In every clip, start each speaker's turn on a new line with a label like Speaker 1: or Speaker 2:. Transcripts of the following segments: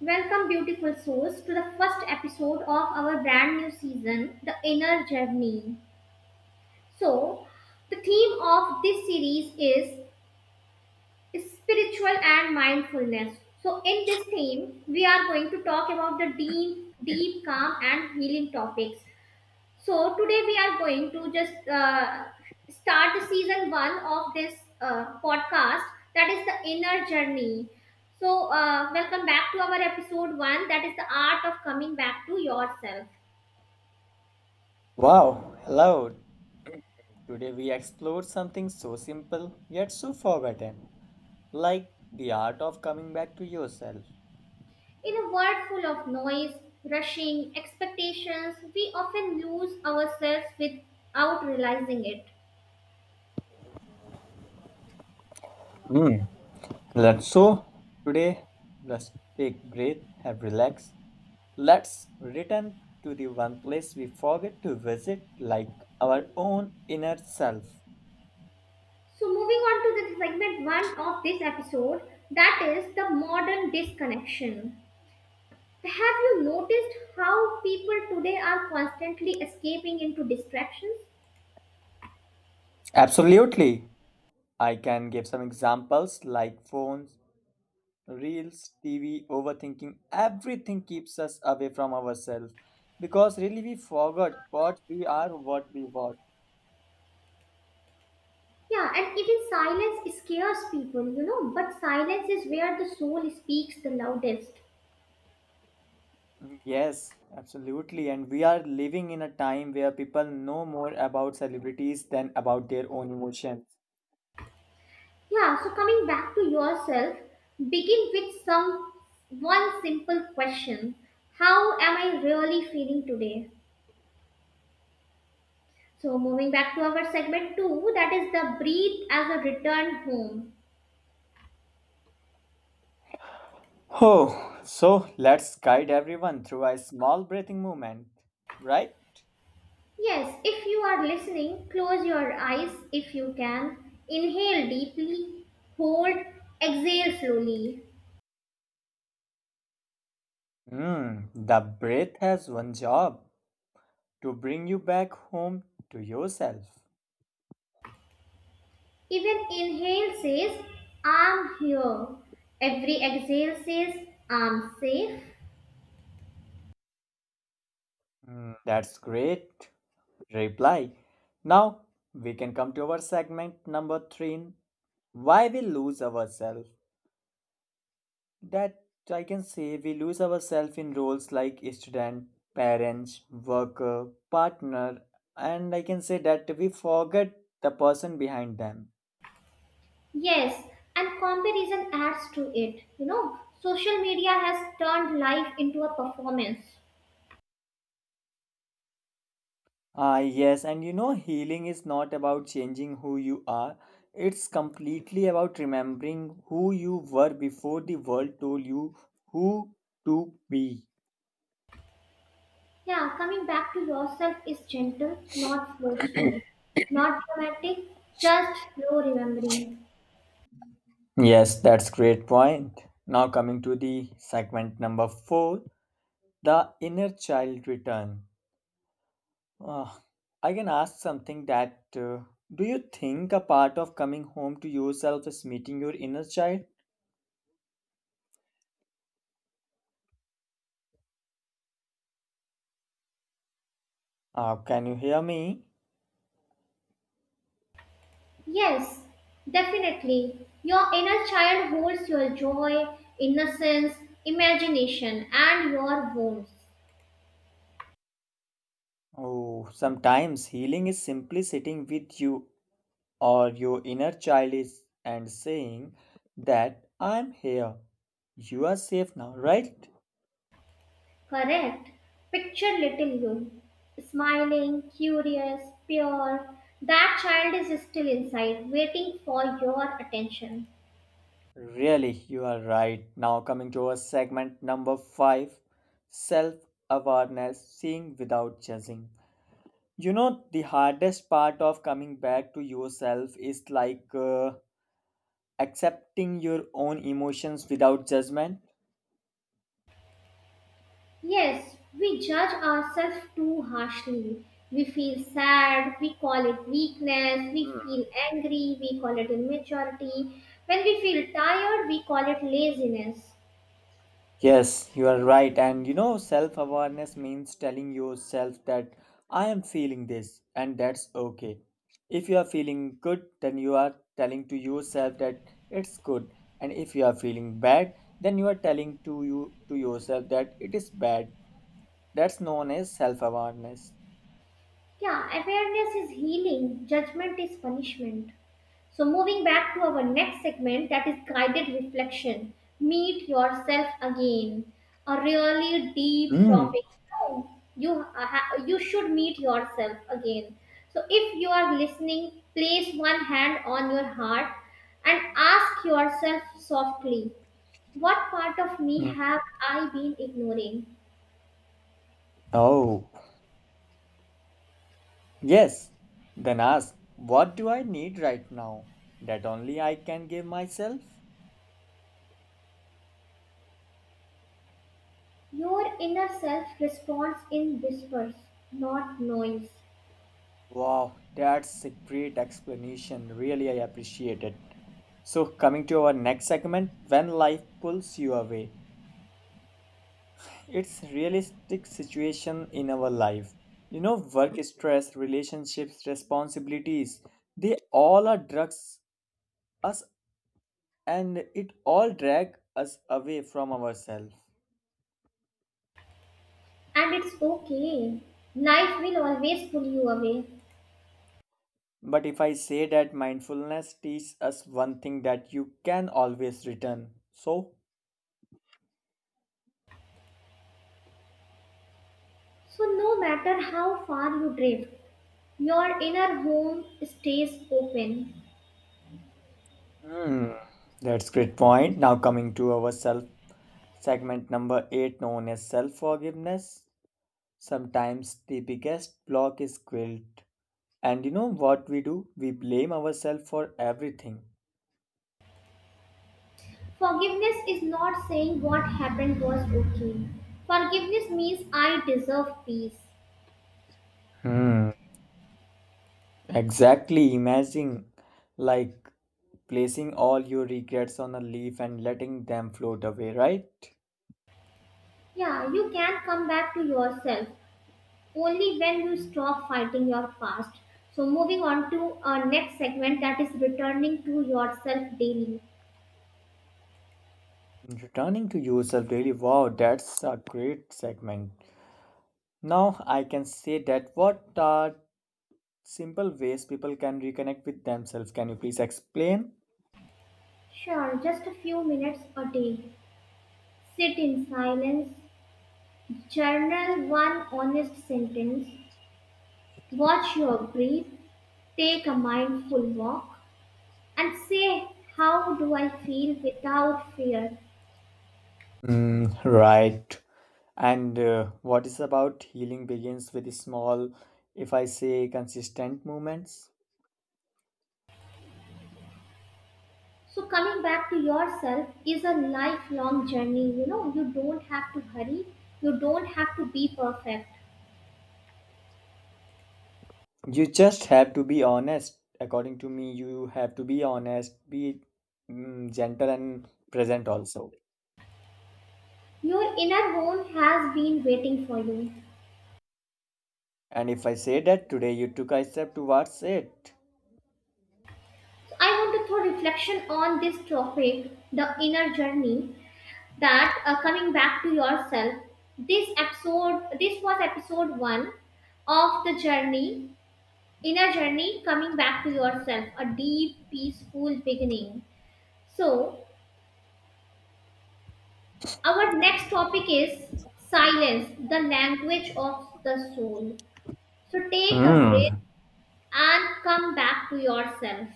Speaker 1: Welcome, beautiful souls, to the first episode of our brand new season, The Inner Journey. So, the theme of this series is spiritual and mindfulness. So, in this theme, we are going to talk about the deep, deep, calm, and healing topics. So today we are going to just start season one of this podcast that is the inner journey. So welcome back to our episode one that is the art of coming back to yourself.
Speaker 2: Wow, hello! Today we explored something so simple yet so forgotten, like the art of coming back to yourself.
Speaker 1: In a world full of noise, rushing, expectations, we often lose ourselves without realizing it.
Speaker 2: Hmm. Let's so today let's take breath, have relax. Let's return to the one place we forget to visit, like our own inner self.
Speaker 1: So moving on to the segment one of this episode that is the modern disconnection. Have you noticed how people today are constantly escaping into distractions?
Speaker 2: Absolutely. I can give some examples like phones, reels, TV, overthinking, everything keeps us away from ourselves because really we forgot what we are, what we were.
Speaker 1: Yeah, and even silence scares people, but silence is where the soul speaks the loudest.
Speaker 2: Yes, absolutely. And we are living in a time where people know more about celebrities than about their own emotions.
Speaker 1: Yeah, so coming back to yourself, begin with some one simple question. How am I really feeling today? So moving back to our segment 2, that is the breathe as a return home.
Speaker 2: Oh, so let's guide everyone through a small breathing movement, right?
Speaker 1: Yes, if you are listening, close your eyes if you can. Inhale deeply, hold, exhale slowly.
Speaker 2: Hmm, the breath has one job to bring you back home to yourself.
Speaker 1: Even inhale says, I'm here. Every exhale says, I'm safe.
Speaker 2: Hmm, that's great reply. Now we can come to our segment number three in why we lose ourselves. That I can say we lose ourselves in roles like student, parents, worker, partner, and I can say that we forget the person behind them.
Speaker 1: Yes, and comparison adds to it. You know, social media has turned life into a performance.
Speaker 2: Ah, yes, and you know, healing is not about changing who you are, it's completely about remembering who you were before the world told you who to be.
Speaker 1: Yeah, coming back to yourself is gentle, not forceful, not dramatic, just slow remembering.
Speaker 2: Yes, that's great point. Now coming to the segment number four, the inner child return. Ah, I can ask something that do you think a part of coming home to yourself is meeting your inner child? Ah, can you hear me?
Speaker 1: Yes, definitely. Your inner child holds your joy, innocence, imagination, and your wounds.
Speaker 2: Oh, sometimes healing is simply sitting with you or your inner child is and saying that I'm here. You are safe now, right?
Speaker 1: Correct. Picture little you, smiling, curious, pure. That child is still inside, waiting for your attention.
Speaker 2: Really, you are right. Now, coming to our segment number five, self awareness, seeing without judging. You know, the hardest part of coming back to yourself is like accepting your own emotions without judgment.
Speaker 1: Yes, we judge ourselves too harshly. We feel sad, we call it weakness, we feel angry, we call it immaturity. When we feel tired, we call it laziness.
Speaker 2: Yes, you are right. And you know, self awareness means telling yourself that I am feeling this and that's okay. If you are feeling good, then you are telling to yourself that it's good. And if you are feeling bad, then you are telling to you to yourself that it is bad. That's known as self awareness.
Speaker 1: Yeah, awareness is healing, judgment is punishment. So, moving back to our next segment that is guided reflection. Meet yourself again. A really deep
Speaker 2: Mm.
Speaker 1: topic. No, you should meet yourself again. So, if you are listening, place one hand on your heart and ask yourself softly, what part of me
Speaker 2: Mm.
Speaker 1: have I been ignoring?
Speaker 2: Oh, yes. Then ask, what do I need right now that only I can give myself?
Speaker 1: Your inner self responds in whispers, not noise.
Speaker 2: Wow, that's a great explanation. Really, I appreciate it. So, coming to our next segment, when life pulls you away, it's realistic situation in our life. You know, work stress, relationships, responsibilities, they all are drugs us and it all drag us away from ourselves.
Speaker 1: And it's okay. Life will always pull you away.
Speaker 2: But if I say that mindfulness teaches us one thing that you can always return. So,
Speaker 1: So, no matter how far you drift, your inner home stays open.
Speaker 2: hmm, that's great point. Now coming to our self segment number eight, known as self-forgiveness. Sometimes the biggest block is guilt. And you know what we do? We blame ourselves for everything.
Speaker 1: Forgiveness is not saying what happened was okay. Forgiveness means I deserve peace.
Speaker 2: Hmm. Exactly. Imagine like placing all your regrets on a leaf and letting them float away, right?
Speaker 1: Yeah, you can come back to yourself only when you stop fighting your past. So, moving on to our next segment that is returning to yourself daily.
Speaker 2: Returning to yourself daily. Wow, that's a great segment. Now I can say that what are simple ways people can reconnect with themselves. Can you please explain?
Speaker 1: Sure, just a few minutes a day. Sit in silence, journal one honest sentence, watch your breath, take a mindful walk, and say, how do I feel without fear?
Speaker 2: Mm, right. And what is about healing begins with small, if I say consistent movements?
Speaker 1: So, coming back to yourself is a lifelong journey. You know, you don't have to hurry, you don't have to be perfect.
Speaker 2: You just have to be honest. According to me, you have to be honest, be gentle and present also.
Speaker 1: Your inner home has been waiting for you.
Speaker 2: And if I say that today you took a step towards it.
Speaker 1: So, I want to throw reflection on this topic, the inner journey, that coming back to yourself, this episode. This was episode 1 of the journey, inner journey, coming back to yourself, a deep peaceful beginning. So our next topic is silence, the language of the soul. So take a breath
Speaker 2: Hmm.
Speaker 1: and come back to yourself.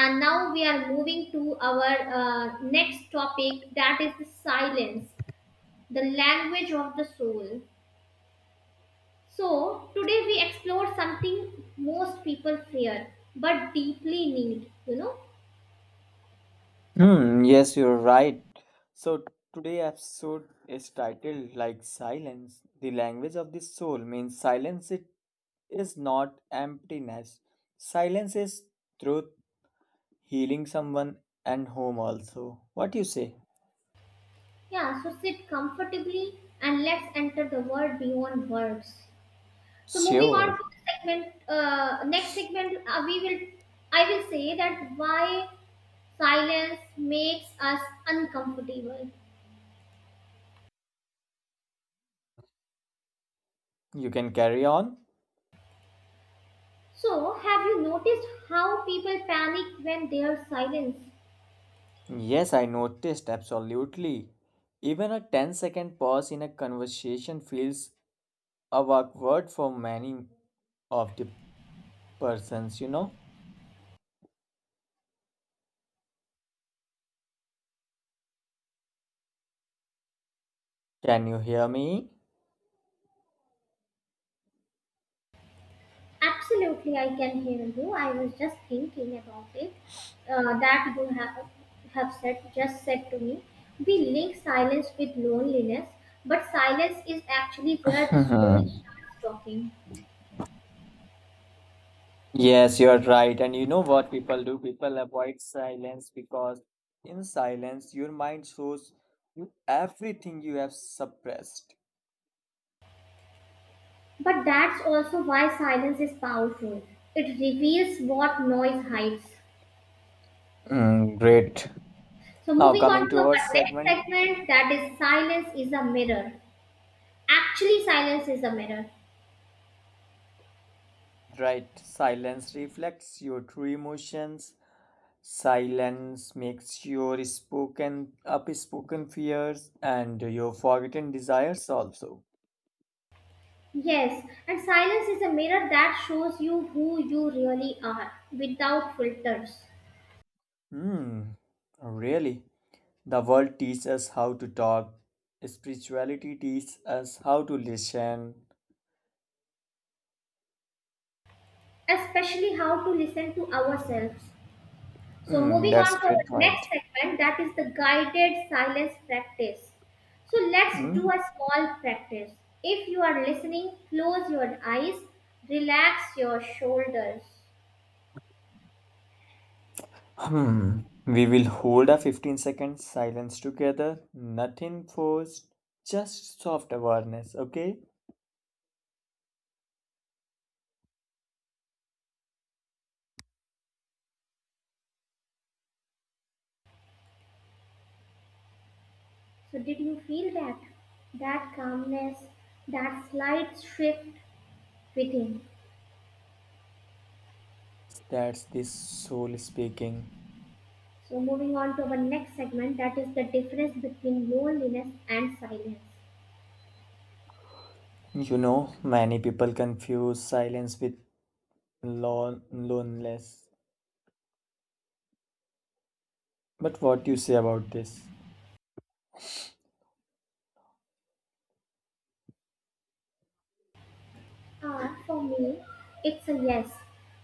Speaker 1: And now we are moving to our next topic that is the silence, the language of the soul. So, today we explore something most people fear but deeply need, you know?
Speaker 2: Hmm, yes, you're right. So today episode is titled like silence, the language of the soul means silence it is not emptiness. Silence is truth, healing someone and home also. What you say?
Speaker 1: Yeah, so sit comfortably and let's enter the world beyond words. So, moving on
Speaker 2: Sure.
Speaker 1: to the next segment, I will say that why silence makes us uncomfortable.
Speaker 2: You can carry on?
Speaker 1: So, have you noticed how people panic when they are silenced?
Speaker 2: Yes, I noticed absolutely. Even a 10 second pause in a conversation feels awkward for many of the persons, you know. Can you hear me?
Speaker 1: Absolutely, I can hear you. I was just thinking about it, that you have said just said to me. We link silence with loneliness, but silence is actually where the soul
Speaker 2: Mhm.
Speaker 1: starts talking.
Speaker 2: Yes, you're right. And you know what people do? People avoid silence because in silence, your mind shows you everything you have suppressed.
Speaker 1: But that's also why silence is powerful. It reveals what noise hides.
Speaker 2: Mm, great.
Speaker 1: So
Speaker 2: Now,
Speaker 1: moving
Speaker 2: coming
Speaker 1: on to
Speaker 2: to
Speaker 1: our
Speaker 2: our
Speaker 1: next
Speaker 2: segment,
Speaker 1: segment, that is silence is a mirror. Actually, silence is a mirror.
Speaker 2: right? Silence reflects your true emotions. Silence makes your spoken, upspoken fears and your forgotten desires also.
Speaker 1: Yes, and silence is a mirror that shows you who you really are without filters,
Speaker 2: Hmm, really? The world teaches us how to talk, spirituality teaches us how to listen.
Speaker 1: especially how to listen to ourselves. So,
Speaker 2: Hmm,
Speaker 1: moving
Speaker 2: that's
Speaker 1: on to our
Speaker 2: great
Speaker 1: next
Speaker 2: point.
Speaker 1: segment that is the guided silence practice. So, let's do
Speaker 2: Hmm.
Speaker 1: a small practice. If you are listening, close your eyes, relax your shoulders.
Speaker 2: Hmm. We will hold a 15-second silence together. Nothing forced, just soft awareness, okay?
Speaker 1: So, did you feel that? That calmness, that slight shift within.
Speaker 2: That's this soul speaking.
Speaker 1: So, moving on to our next segment, that is the difference between loneliness and silence.
Speaker 2: You know, many people confuse silence with loneliness. But what do you say about this?
Speaker 1: For me, it's a yes.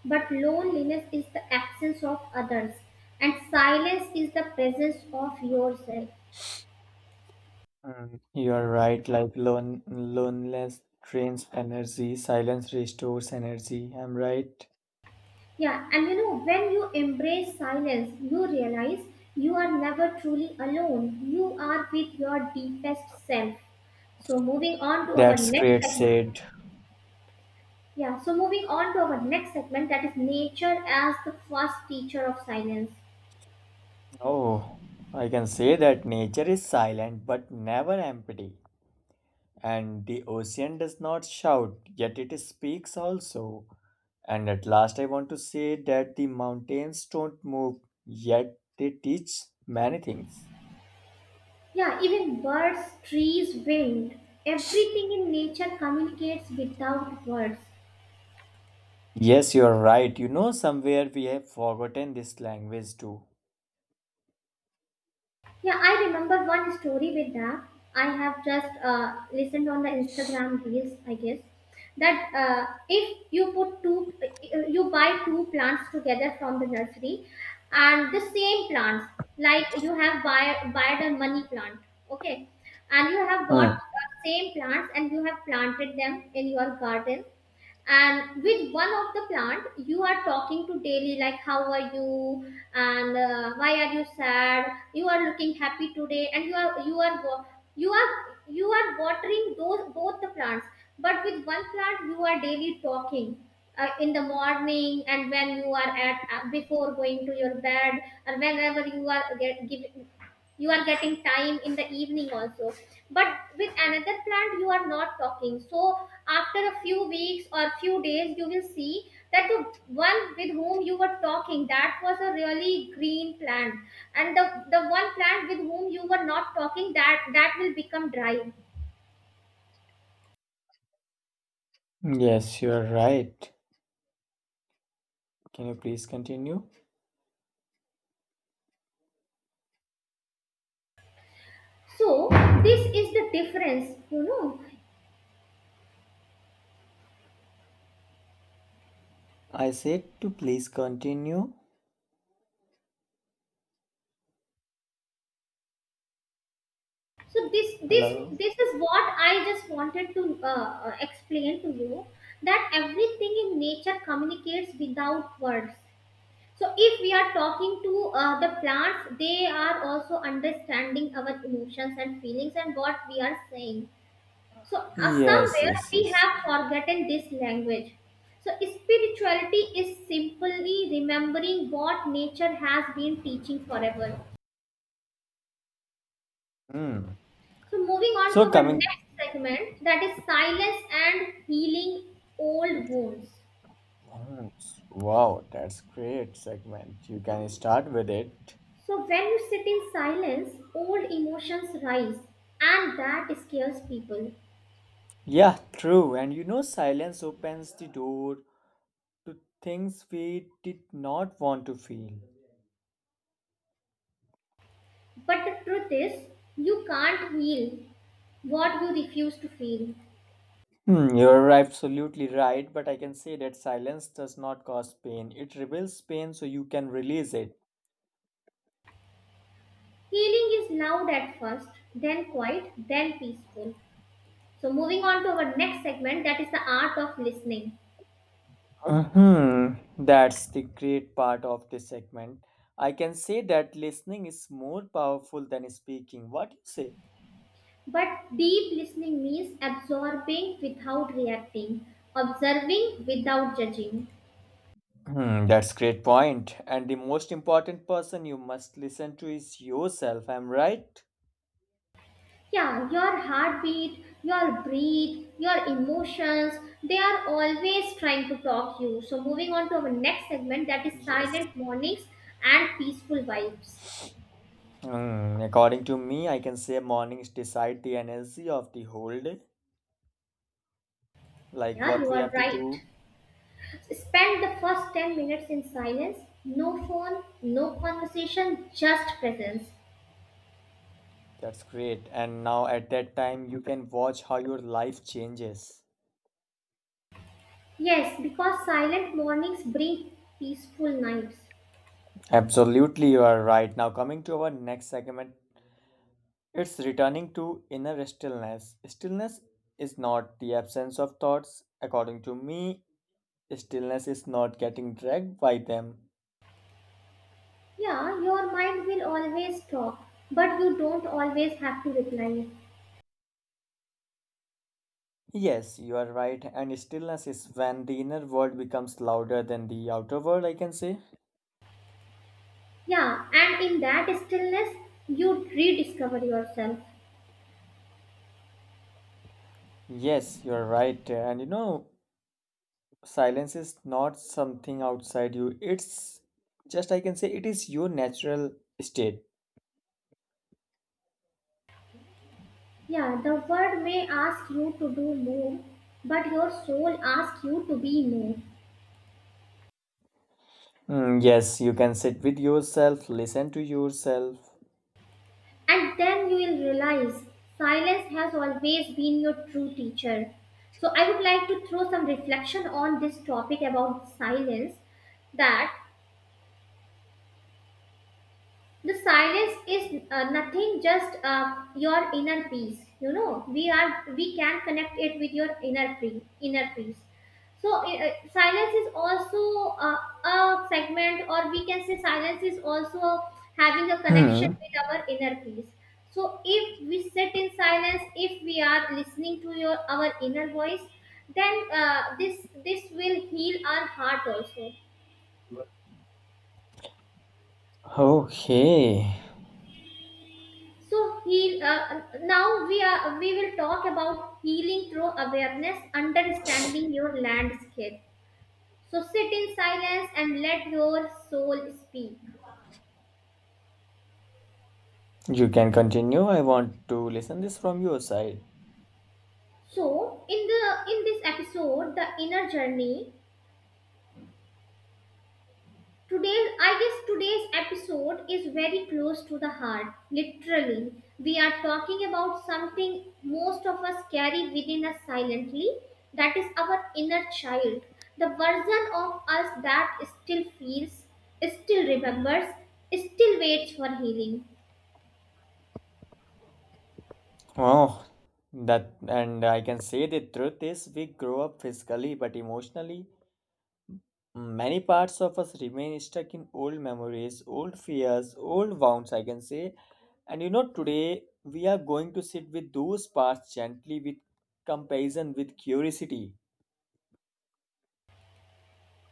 Speaker 1: But loneliness is the absence of others, and silence is the presence of yourself.
Speaker 2: Mm, you are right. Like loneliness drains energy, silence restores energy. I'm right.
Speaker 1: Yeah, and you know, when you embrace silence, you realize you are never truly alone. You are with your deepest self. So, moving on to our
Speaker 2: That's
Speaker 1: next
Speaker 2: great
Speaker 1: segment.
Speaker 2: said.
Speaker 1: Yeah, so moving on to our next segment that is nature as the first teacher of silence.
Speaker 2: Oh, I can say that nature is silent but never empty, and the ocean does not shout, yet it speaks also. And at last, I want to say that the mountains don't move, yet they teach many things.
Speaker 1: Yeah, even birds, trees, wind, everything in nature communicates without words.
Speaker 2: Yes, you are right. You know, somewhere we have forgotten this language too.
Speaker 1: Yeah, I remember one story with that. I have just listened on the Instagram reels, I guess, that if you buy two plants together from the nursery, and the same plants, like you have buy bought a money plant, okay, and you have bought
Speaker 2: Hmm.
Speaker 1: same plants and you have planted them in your garden, and with one of the plant you are talking to daily, like how are you and why are you sad, you are looking happy today. And you are wa- you are you are watering those both the plants, but with one plant you are daily talking in the morning and when you are at before going to your bed, or whenever you are getting time in the evening also, but with another plant you are not talking. So after a few weeks or few days you will see that the one with whom you were talking, that was a really green plant, and the one plant with whom you were not talking, that will become dry.
Speaker 2: Yes, you are right. Can you please continue?
Speaker 1: So this is the difference.
Speaker 2: I said to please continue.
Speaker 1: So this this
Speaker 2: Hello.
Speaker 1: this is what I just wanted to explain to you, that everything in nature communicates without words. So if we are talking to the plants, they are also understanding our emotions and feelings and what we are saying. So
Speaker 2: Yes,
Speaker 1: somewhere
Speaker 2: yes,
Speaker 1: we
Speaker 2: yes.
Speaker 1: have forgotten this language. So spirituality is simply remembering what nature has been teaching forever.
Speaker 2: Hmm.
Speaker 1: So, moving on to
Speaker 2: So
Speaker 1: our
Speaker 2: coming.
Speaker 1: next segment that is silence and healing old wounds.
Speaker 2: Hmm, wow, that's great segment. You can start with it.
Speaker 1: So, when you sit in silence, old emotions rise and that scares people.
Speaker 2: Yeah, true. And you know, silence opens the door to things we did not want to feel.
Speaker 1: But the truth is, you can't heal what you refuse to feel.
Speaker 2: Hmm, you're absolutely right, but I can say that silence does not cause pain. It reveals pain so you can release it.
Speaker 1: Healing is loud at first, then quiet, then peaceful. So, moving on to our next segment that is the art of listening.
Speaker 2: Mhm. That's the great part of this segment. I can say that listening is more powerful than speaking. What do you say?
Speaker 1: But deep listening means absorbing without reacting, observing without judging.
Speaker 2: Hmm, that's great point. And the most important person you must listen to is yourself. Am I right?
Speaker 1: Yeah, your heartbeat, your breath, your emotions, they are always trying to talk you. So moving on to our next segment that is
Speaker 2: Yes.
Speaker 1: silent mornings and peaceful vibes.
Speaker 2: Hmm, according to me, I can say mornings decide the energy of the whole day, like
Speaker 1: Yeah,
Speaker 2: what
Speaker 1: you
Speaker 2: we
Speaker 1: are
Speaker 2: have to
Speaker 1: right.
Speaker 2: do.
Speaker 1: Spend the first 10 minutes in silence. No phone, no conversation, just presence.
Speaker 2: That's great. And now at that time, you can watch how your life changes.
Speaker 1: Yes, because silent mornings bring peaceful nights.
Speaker 2: Absolutely, you are right. Now, coming to our next segment, it's returning to inner stillness. Stillness is not the absence of thoughts. According to me, stillness is not getting dragged by them.
Speaker 1: Yeah, your mind will always talk, but you don't always have to reply.
Speaker 2: Yes, you are right, and stillness is when the inner world becomes louder than the outer world, I can say.
Speaker 1: Yeah, and in that stillness, you rediscover yourself.
Speaker 2: Yes, you're right, and you know, silence is not something outside you, it's just, I can say, it is your natural state.
Speaker 1: Yeah, the world may ask you to do more, but your soul asks you to be more.
Speaker 2: Mm, yes, you can sit with yourself, listen to yourself.
Speaker 1: And then you will realize silence has always been your true teacher. So, I would like to throw some reflection on this topic about silence, that the silence is nothing just your inner peace. We are we can connect it with your inner peace, inner peace. So silence is also a segment, or we can say silence is also having a connection
Speaker 2: Hmm.
Speaker 1: with our inner peace. So if we sit in silence, if we are listening to your our inner voice, then this will heal our heart also.
Speaker 2: Okay,
Speaker 1: So heal. Now we are. We will talk about healing through awareness, understanding your landscape. So sit in silence and let your soul speak.
Speaker 2: you can continue. I want to listen this from your side.
Speaker 1: So in this episode, the inner journey. I guess today's episode is very close to the heart. Literally, we are talking about something most of us carry within us silently, that is, our inner child. The version of us that still feels, still remembers, still waits for healing.
Speaker 2: Oh, that and I can say the truth is we grow up physically but emotionally. Many parts of us remain stuck in old memories, old fears, old wounds, I can say. And you know, today we are going to sit with those parts gently with comparison, with curiosity.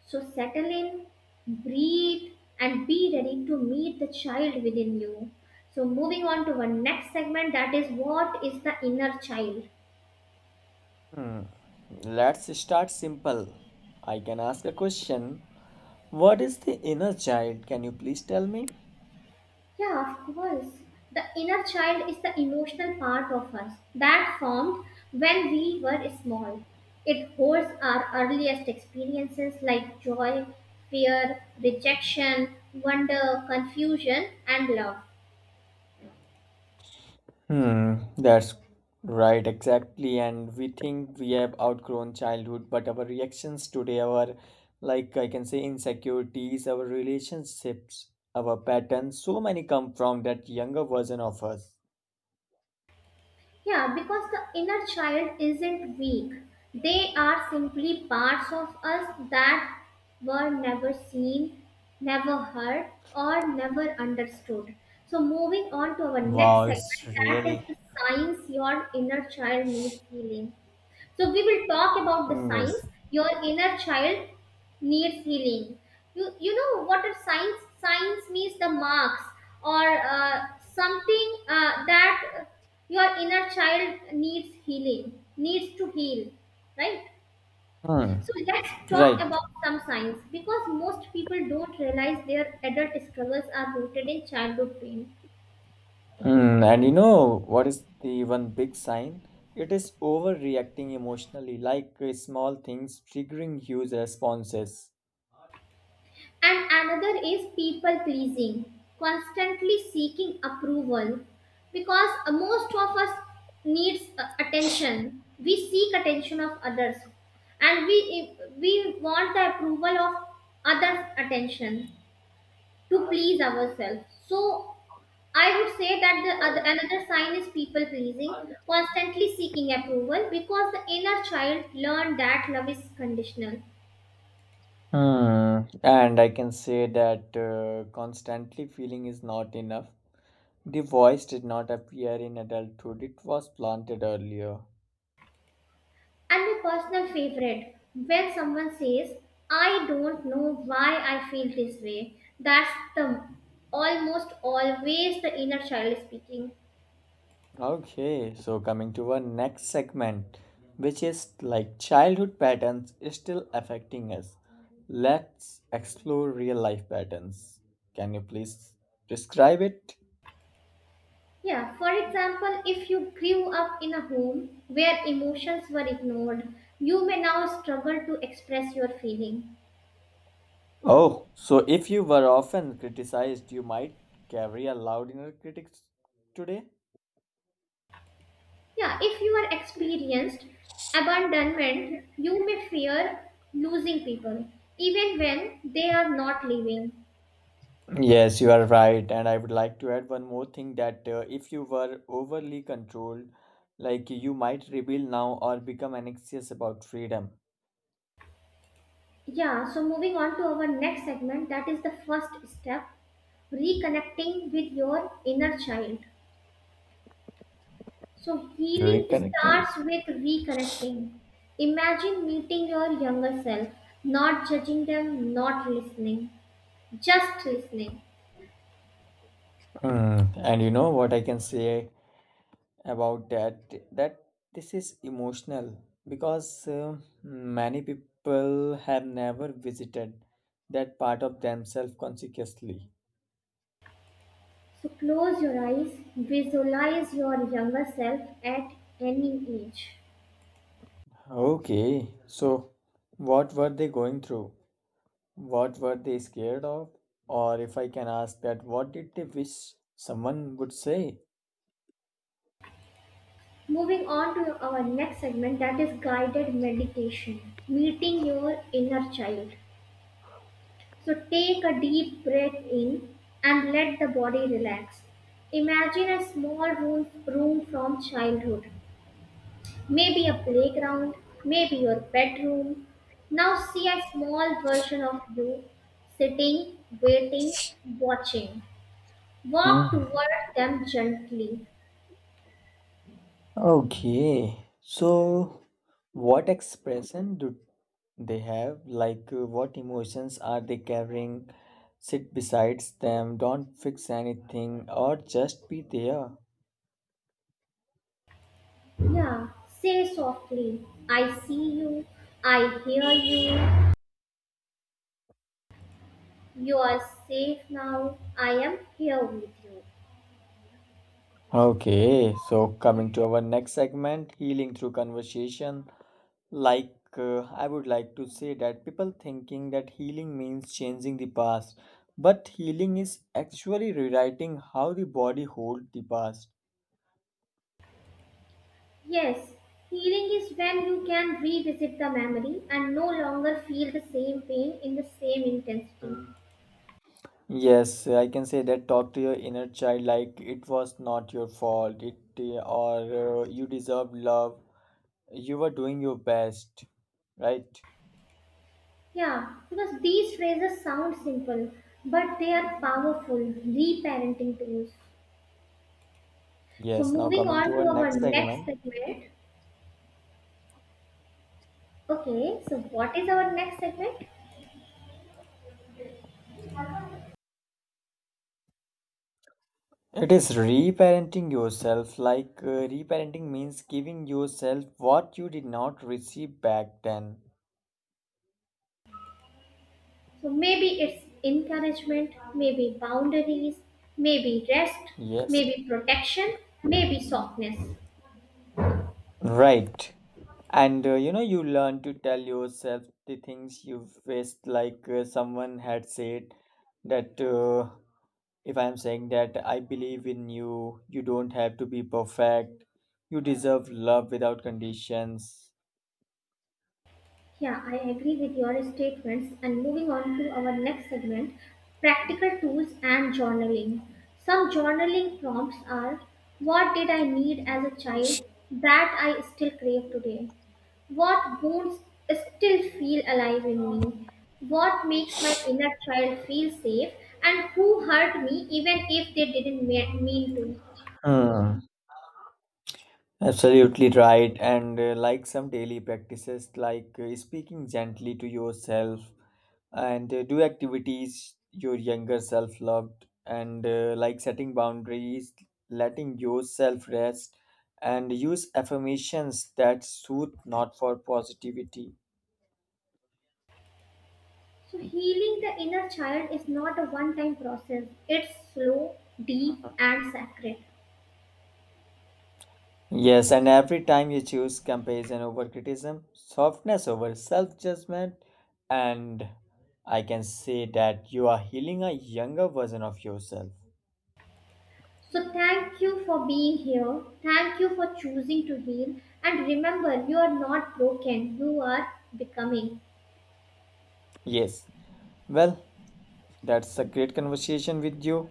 Speaker 1: So, settle in, breathe, and be ready to meet the child within you. So, moving on to our next segment that is, what is the inner child?
Speaker 2: Hmm, let's start simple. I can ask a question. What is the inner child? Can you please tell me?
Speaker 1: Yeah, of course. The inner child is the emotional part of us that formed when we were small. It holds our earliest experiences like joy, fear, rejection, wonder, confusion, and love.
Speaker 2: Hmm, that's right, exactly. And we think we have outgrown childhood, but our reactions today, our, like I can say, insecurities, our relationships, our patterns, so many come from that younger version of us.
Speaker 1: Yeah, because the inner child isn't weak. They are simply parts of us that were never seen, never heard, or never understood. So, moving on to our next
Speaker 2: Wow, it's
Speaker 1: segment that is
Speaker 2: really.
Speaker 1: the signs your inner child needs healing. So we will talk about the
Speaker 2: Mm,
Speaker 1: signs
Speaker 2: yes.
Speaker 1: your inner child needs healing. You know what are signs? Signs means the marks or something that your inner child needs healing, needs to heal, right?
Speaker 2: Hmm.
Speaker 1: So let's talk
Speaker 2: Right.
Speaker 1: about some signs because most people don't realize their adult struggles are rooted in childhood pain.
Speaker 2: Mm, and you know what is the one big sign? It is overreacting emotionally, like small things triggering huge responses.
Speaker 1: And another is people pleasing, constantly seeking approval, because most of us needs attention. We seek attention of others, and we want the approval of others' attention to please ourselves. So I would say that another sign is people pleasing, constantly seeking approval, because the inner child learned that love is conditional.
Speaker 2: Hmm. And I can say that constantly feeling is not enough. The voice did not appear in adulthood, it was planted earlier.
Speaker 1: And my personal favorite, when someone says, I don't know why I feel this way, that's the almost always the inner child speaking.
Speaker 2: Okay, so coming to our next segment, which is like childhood patterns is still affecting us. Let's explore real life patterns. Can you please describe it?
Speaker 1: Yeah, for example, if you grew up in a home where emotions were ignored, you may now struggle to express your feeling.
Speaker 2: Oh, so if you were often criticized, you might carry a loud inner critic today?
Speaker 1: Yeah, if you are experienced abandonment, you may fear losing people, even when they are not leaving.
Speaker 2: Yes, you are right. And I would like to add one more thing that if you were overly controlled, like you might rebel now or become anxious about freedom.
Speaker 1: Yeah, so moving on to our next segment, that is the first step, reconnecting with your inner child. So, healing
Speaker 2: Reconnecting.
Speaker 1: starts with reconnecting. Imagine meeting your younger self, not judging them, not listening, just listening.
Speaker 2: Mm, and you know what I can say about that? That this is emotional because many people have never visited that part of themselves consciously.
Speaker 1: So, close your eyes, visualize your younger self at any age.
Speaker 2: Okay, so what were they going through? What were they scared of? Or if I can ask that, what did they wish someone would say?
Speaker 1: Moving on to our next segment, that is guided meditation, meeting your inner child. So take a deep breath in and let the body relax. Imagine a small room from childhood, maybe a playground, maybe your bedroom. Now see a small version of you sitting, waiting, watching. Walk
Speaker 2: Hmm.
Speaker 1: toward them gently.
Speaker 2: Okay, so what expression do they have? Like, what emotions are they carrying? Sit besides them, don't fix anything, or just be there.
Speaker 1: Yeah, say softly, I see you, I hear you, you are safe now, I am here with you.
Speaker 2: Okay, so coming to our next segment, healing through conversation. Like, I would like to say that people thinking that healing means changing the past, but healing is actually rewriting how the body holds the past.
Speaker 1: Yes, healing is when you can revisit the memory and no longer feel the same pain in the same intensity.
Speaker 2: Yes, I can say that talk to your inner child like it was not your fault, it or you deserve love. You were doing your best, right?
Speaker 1: Yeah, because these phrases sound simple, but they are powerful reparenting tools. So,
Speaker 2: Yes, now
Speaker 1: moving
Speaker 2: coming
Speaker 1: on
Speaker 2: to our
Speaker 1: to our
Speaker 2: next
Speaker 1: next
Speaker 2: segment.
Speaker 1: segment. Okay, so what is our next segment?
Speaker 2: It is reparenting yourself. Like reparenting means giving yourself what you did not receive back then.
Speaker 1: So, maybe it's encouragement, maybe boundaries, maybe rest,
Speaker 2: Yes.
Speaker 1: maybe protection, maybe softness.
Speaker 2: Right. And you know, you learn to tell yourself the things you faced, like someone had said that if I'm saying that I believe in you, you don't have to be perfect, you deserve love without conditions.
Speaker 1: Yeah, I agree with your statements. And moving on to our next segment, practical tools and journaling. Some journaling prompts are, what did I need as a child that I still crave today? What wounds still feel alive in me? What makes my inner child feel safe? And who hurt me, even if they didn't mean to?
Speaker 2: Hmm. Absolutely right. And like some daily practices, like speaking gently to yourself and do activities your younger self loved, and like setting boundaries, letting yourself rest, and use affirmations that soothe, not for positivity.
Speaker 1: So, healing the inner child is not a one time process, it's slow, deep, and sacred.
Speaker 2: Yes, and every time you choose comparison over criticism, softness over self judgment, and I can say that you are healing a younger version of yourself.
Speaker 1: So, thank you for being here. Thank you for choosing to heal. And remember, you are not broken, you are becoming.
Speaker 2: Yes, well, that's a great conversation with you.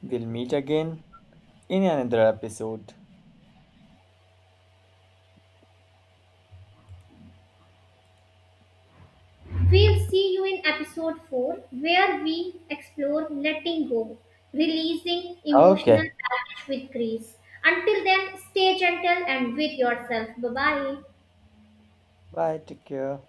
Speaker 2: We'll meet again in another episode.
Speaker 1: We'll see you in episode 4, where we explore letting go, releasing emotional
Speaker 2: Okay.
Speaker 1: baggage with grace. Until then, stay gentle and with yourself. Bye bye.
Speaker 2: Bye. Take care.